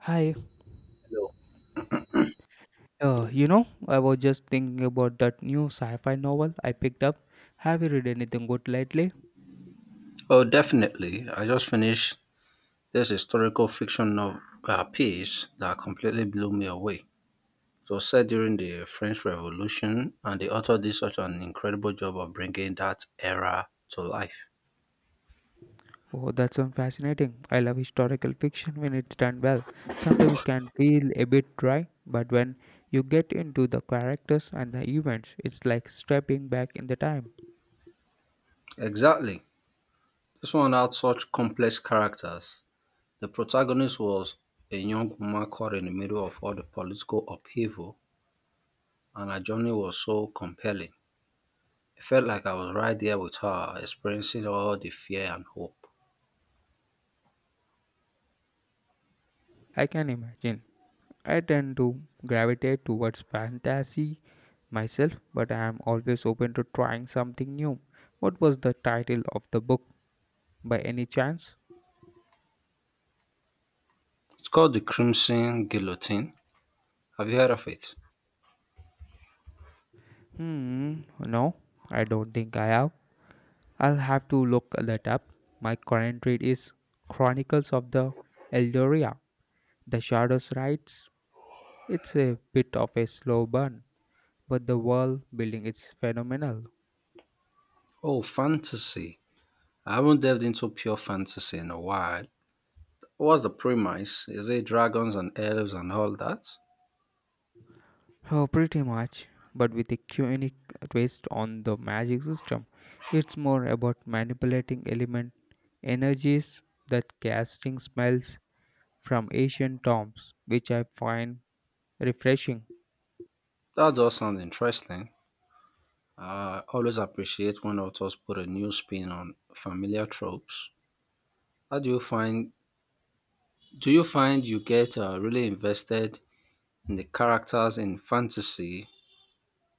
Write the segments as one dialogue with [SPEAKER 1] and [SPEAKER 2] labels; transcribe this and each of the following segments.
[SPEAKER 1] Hi,
[SPEAKER 2] No.
[SPEAKER 1] I was just thinking about that new sci-fi novel I picked up. Have you read anything good lately?
[SPEAKER 2] Oh, definitely. I just finished this historical fiction novel, piece that completely blew me away. It was set during the French Revolution, and the author did such an incredible job of bringing that era to life.
[SPEAKER 1] Oh, that's so fascinating. I love historical fiction when it's done well. Sometimes it can feel a bit dry, but when you get into the characters and the events, it's like stepping back in the time.
[SPEAKER 2] Exactly. This one had such complex characters. The protagonist was a young woman caught in the middle of all the political upheaval, and her journey was so compelling. It felt like I was right there with her, experiencing all the fear and hope.
[SPEAKER 1] I can imagine. I tend to gravitate towards fantasy myself, but I am always open to trying something new. What was the title of the book by any chance?
[SPEAKER 2] It's called The Crimson Guillotine. Have you heard of it?
[SPEAKER 1] Hmm, no, I don't think I have. I'll have to look that up. My current read is Chronicles of the Eldoria. The Shadows Rides. It's a bit of a slow burn, but the world building is phenomenal.
[SPEAKER 2] Oh, fantasy. I haven't delved into pure fantasy in a while. What's the premise? Is it dragons and elves and all that?
[SPEAKER 1] Oh, pretty much, but with a unique twist on the magic system. It's more about manipulating element energies that casting smells from ancient tombs, which I find refreshing.
[SPEAKER 2] That does sound interesting. I always appreciate when authors put a new spin on familiar tropes. How do you find you get really invested in the characters in fantasy,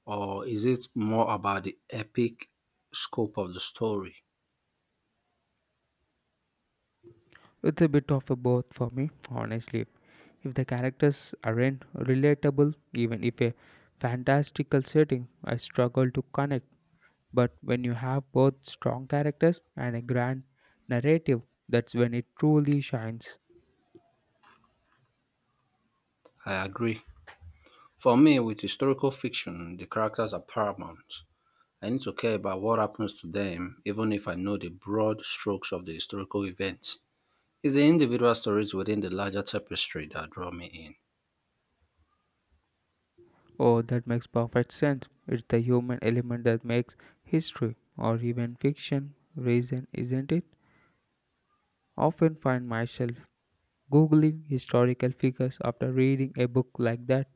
[SPEAKER 2] or is it more about the epic scope of the story?
[SPEAKER 1] It's a bit of a both for me, honestly. If the characters aren't relatable, even if a fantastical setting, I struggle to connect. But when you have both strong characters and a grand narrative, that's when it truly shines.
[SPEAKER 2] I agree. For me, with historical fiction, the characters are paramount. I need to care about what happens to them, even if I know the broad strokes of the historical events. It's the individual stories within the larger tapestry that draw me in.
[SPEAKER 1] Oh, that makes perfect sense. It's the human element that makes history or even fiction reason, isn't it? Often find myself googling historical figures after reading a book like that.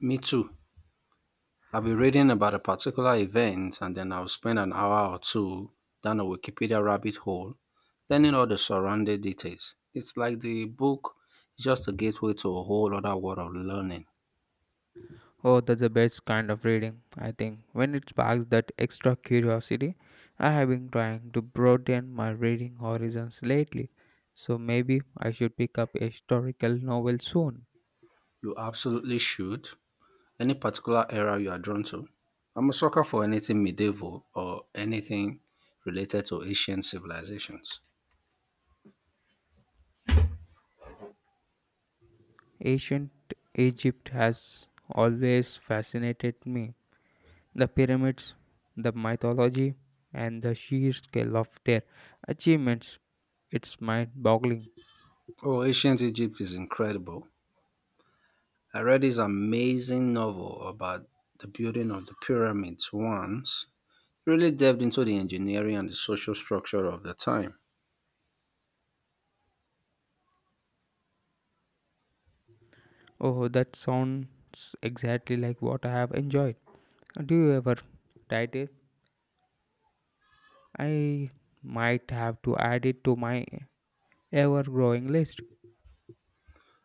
[SPEAKER 2] Me too. I'll be reading about a particular event and then I'll spend an hour or two down a Wikipedia rabbit hole, learning all the surrounding details. It's like the book is just a gateway to a whole other world of learning.
[SPEAKER 1] Oh, that's the best kind of reading, I think. When it sparks that extra curiosity, I have been trying to broaden my reading horizons lately. So maybe I should pick up a historical novel soon.
[SPEAKER 2] You absolutely should. Any particular era you are drawn to? I'm a sucker for anything medieval or anything related to ancient civilizations.
[SPEAKER 1] Ancient Egypt has always fascinated me. The pyramids, the mythology, and the sheer scale of their achievements. It's mind boggling.
[SPEAKER 2] Oh, ancient Egypt is incredible. I read this amazing novel about the building of the pyramids once. Really delved into the engineering and the social structure of the time.
[SPEAKER 1] Oh, that sounds exactly like what I have enjoyed. Do you ever write it? I might have to add it to my ever growing list.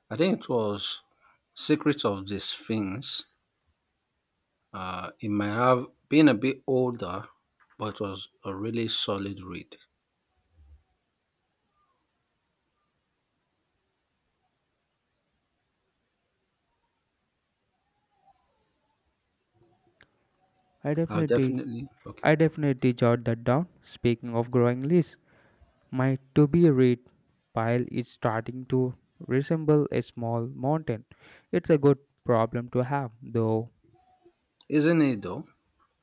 [SPEAKER 2] I think it was Secrets of the Sphinx. It might have been a bit older, but was a really solid read.
[SPEAKER 1] I
[SPEAKER 2] I'll
[SPEAKER 1] definitely
[SPEAKER 2] definitely, okay.
[SPEAKER 1] I definitely jot that down. Speaking of growing list, my to be read pile is starting to resemble a small mountain. It's a good problem to have though.
[SPEAKER 2] Isn't it though?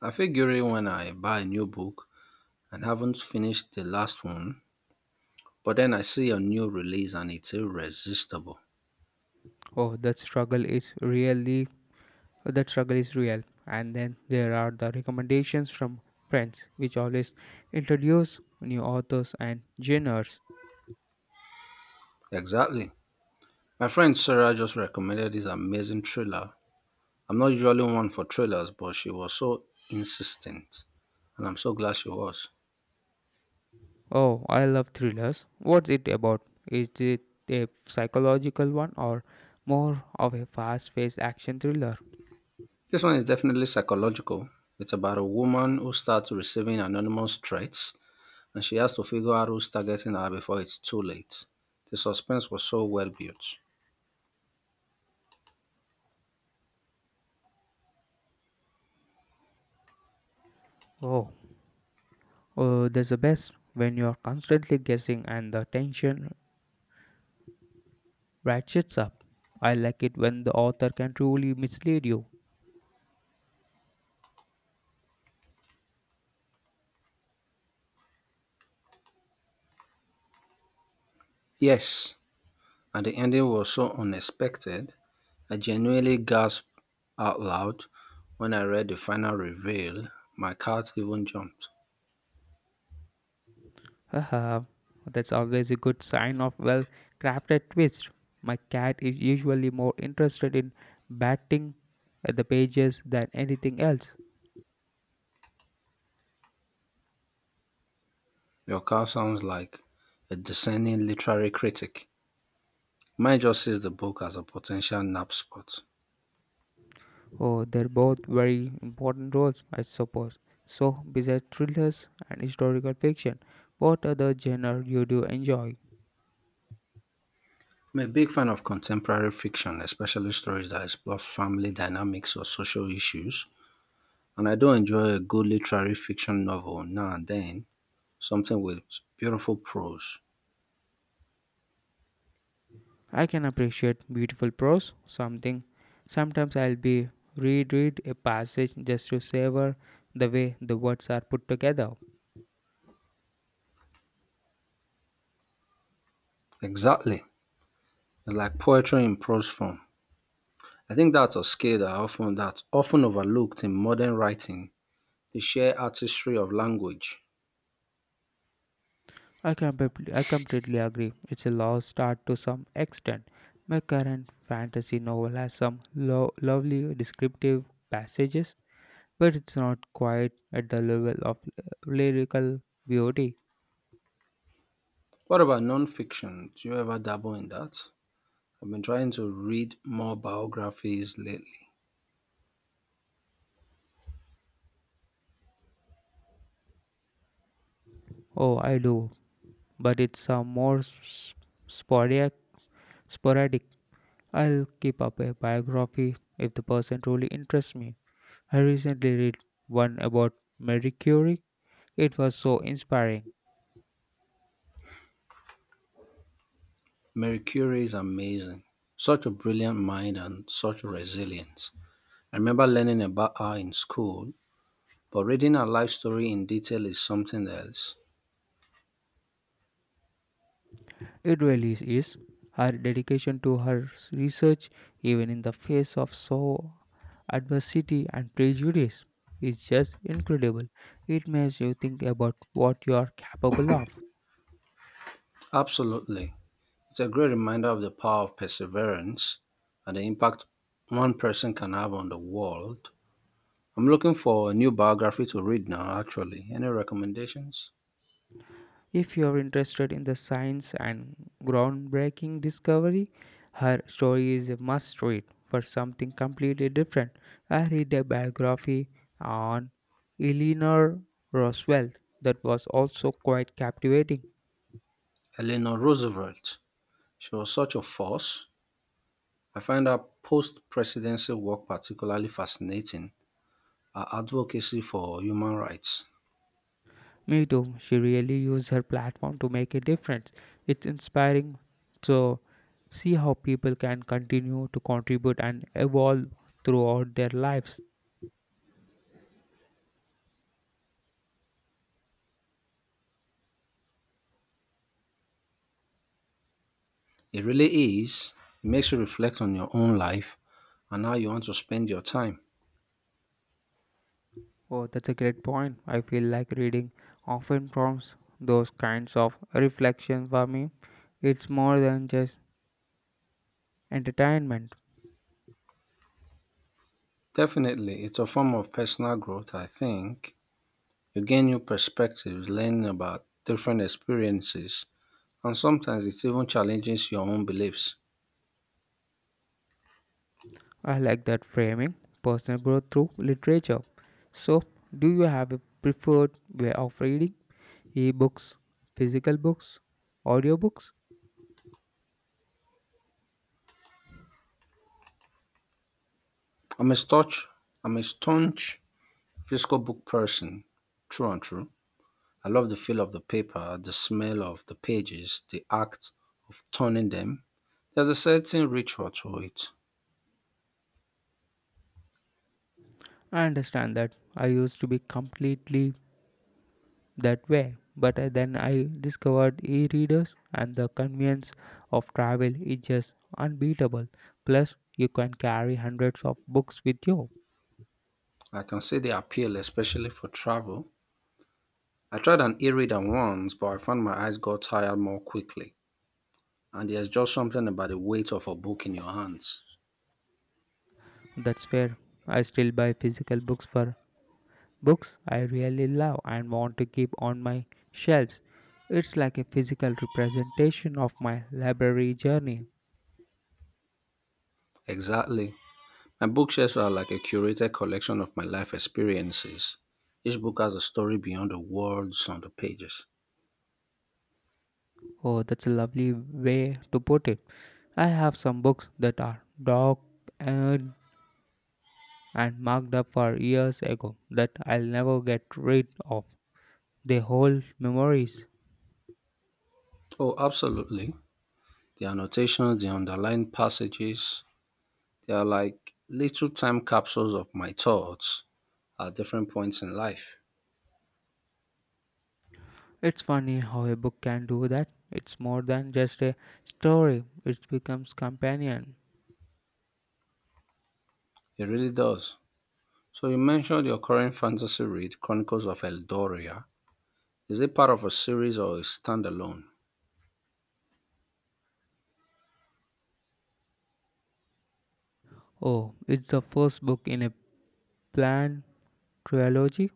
[SPEAKER 2] I feel guilty when I buy a new book and haven't finished the last one, but then I see a new release and it's irresistible.
[SPEAKER 1] Oh, that struggle is real. And then there are the recommendations from friends which always introduce new authors and genres.
[SPEAKER 2] Exactly. My friend Sarah just recommended this amazing thriller. I'm not usually one for thrillers, but she was so insistent, and I'm so glad she was.
[SPEAKER 1] Oh, I love thrillers. What's it about? Is it a psychological one or more of a fast paced action thriller?
[SPEAKER 2] This one is definitely psychological. It's about a woman who starts receiving anonymous threats and she has to figure out who's targeting her before it's too late. The suspense was so well built.
[SPEAKER 1] Oh, that's the best when you're constantly guessing and the tension ratchets up. I like it when the author can truly mislead you.
[SPEAKER 2] Yes, and the ending was so unexpected, I genuinely gasped out loud when I read the final reveal. My cat even jumped.
[SPEAKER 1] Haha, that's always a good sign of well crafted twist. My cat is usually more interested in batting at the pages than anything else.
[SPEAKER 2] Your cat sounds like a discerning literary critic. Mine just sees the book as a potential nap spot.
[SPEAKER 1] Oh, they're both very important roles, I suppose. So, besides thrillers and historical fiction, what other genre you do enjoy?
[SPEAKER 2] I'm a big fan of contemporary fiction, especially stories that explore family dynamics or social issues, and I do enjoy a good literary fiction novel now and then, something with beautiful prose.
[SPEAKER 1] I can appreciate beautiful prose, something. Sometimes I'll be reread a passage just to savor the way the words are put together.
[SPEAKER 2] Exactly. It's like poetry in prose form. I think that's a skill that's often overlooked in modern writing, the sheer artistry of language.
[SPEAKER 1] I completely agree. It's a lost art to some extent. My current fantasy novel has some lovely descriptive passages but it's not quite at the level of lyrical beauty.
[SPEAKER 2] What about nonfiction? Do you ever dabble in that? I've been trying to read more biographies lately.
[SPEAKER 1] Oh, I do, but it's a more sporadic. Sporadic. I'll keep up a biography if the person truly interests me. I recently read one about Marie Curie. It was so inspiring.
[SPEAKER 2] Mary Curie is amazing. Such a brilliant mind and such resilience. I remember learning about her in school, but reading her life story in detail is something else.
[SPEAKER 1] It really is. Her dedication to her research, even in the face of so adversity and prejudice, is just incredible. It makes you think about what you are capable of.
[SPEAKER 2] Absolutely. It's a great reminder of the power of perseverance and the impact one person can have on the world. I'm looking for a new biography to read now, actually. Any recommendations?
[SPEAKER 1] If you are interested in the science and groundbreaking discovery, her story is a must read. For something completely different, I read a biography on Eleanor Roosevelt that was also quite captivating.
[SPEAKER 2] Eleanor Roosevelt. She was such a force. I find her post presidency work particularly fascinating, her advocacy for human rights.
[SPEAKER 1] Me too. She really used her platform to make a difference. It's inspiring to see how people can continue to contribute and evolve throughout their lives.
[SPEAKER 2] It really is. It makes you reflect on your own life and how you want to spend your time.
[SPEAKER 1] Oh, that's a great point. I feel like reading often prompts those kinds of reflections for me. It's more than just entertainment.
[SPEAKER 2] Definitely, it's a form of personal growth, I think. You gain new perspectives, learn about different experiences, and sometimes it even challenges your own beliefs.
[SPEAKER 1] I like that framing personal growth through literature. So, do you have a preferred way of reading? E-books, physical books, audiobooks?
[SPEAKER 2] I'm a staunch, I'm a staunch physical book person, true and true. I love the feel of the paper, the smell of the pages, the act of turning them. There's a certain ritual to it.
[SPEAKER 1] I understand that. I used to be completely that way, but then I discovered e readers and the convenience of travel is just unbeatable. Plus, you can carry hundreds of books with you.
[SPEAKER 2] I can see the appeal, especially for travel. I tried an e-reader once, but I found my eyes got tired more quickly. And there's just something about the weight of a book in your hands.
[SPEAKER 1] That's fair. I still buy physical books for Books I really love and want to keep on my shelves. It's like a physical representation of my library journey.
[SPEAKER 2] Exactly. My bookshelves are like a curated collection of my life experiences. Each book has a story beyond the words on the pages.
[SPEAKER 1] Oh, that's a lovely way to put it. I have some books that are docked and, and marked up for years ago that I'll never get rid of. They hold memories.
[SPEAKER 2] Oh, absolutely. The annotations, the underlined passages, they are like little time capsules of my thoughts at different points in life.
[SPEAKER 1] It's funny how a book can do that. It's more than just a story, it becomes companion.
[SPEAKER 2] It really does. So, you mentioned your current fantasy read, Chronicles of Eldoria. Is it part of a series or a standalone?
[SPEAKER 1] Oh, it's the first book in a plan trilogy.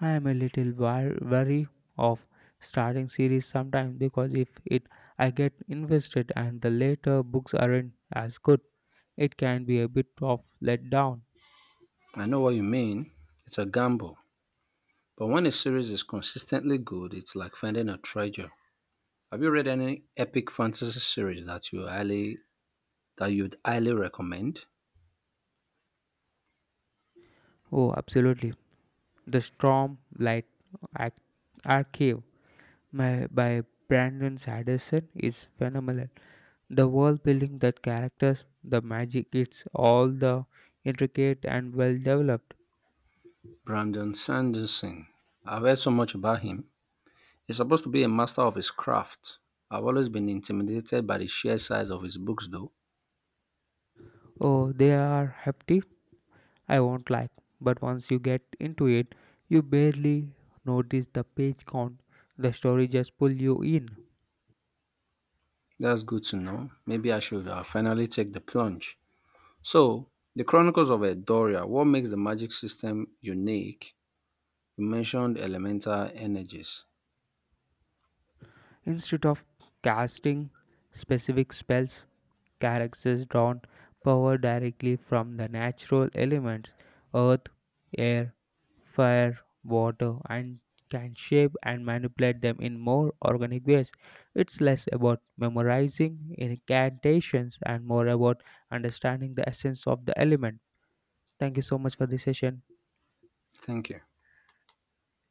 [SPEAKER 1] I am a little wary of starting series sometimes because if it I get invested and the later books aren't as good, it can be a bit of letdown.
[SPEAKER 2] I know what you mean. It's a gamble. But when a series is consistently good, it's like finding a treasure. Have you read any epic fantasy series that you'd highly recommend?
[SPEAKER 1] Oh, absolutely. The Storm Light Arch- Archive my, by Brandon Sanderson is phenomenal. The world building, the characters, the magic, it's all the intricate and well developed.
[SPEAKER 2] Brandon Sanderson. I've heard so much about him. He's supposed to be a master of his craft. I've always been intimidated by the sheer size of his books though.
[SPEAKER 1] Oh, they are hefty, I won't like, but once you get into it, you barely notice the page count. The story just pulls you in.
[SPEAKER 2] That's good to know. Maybe I should finally take the plunge. So, The Chronicles of Edoria, what makes the magic system unique? You mentioned elemental energies.
[SPEAKER 1] Instead of casting specific spells, characters drawn power directly from the natural elements earth, air, fire, water, and can shape and manipulate them in more organic ways. It's less about memorizing incantations and more about understanding the essence of the element. Thank you so much for this session.
[SPEAKER 2] Thank you.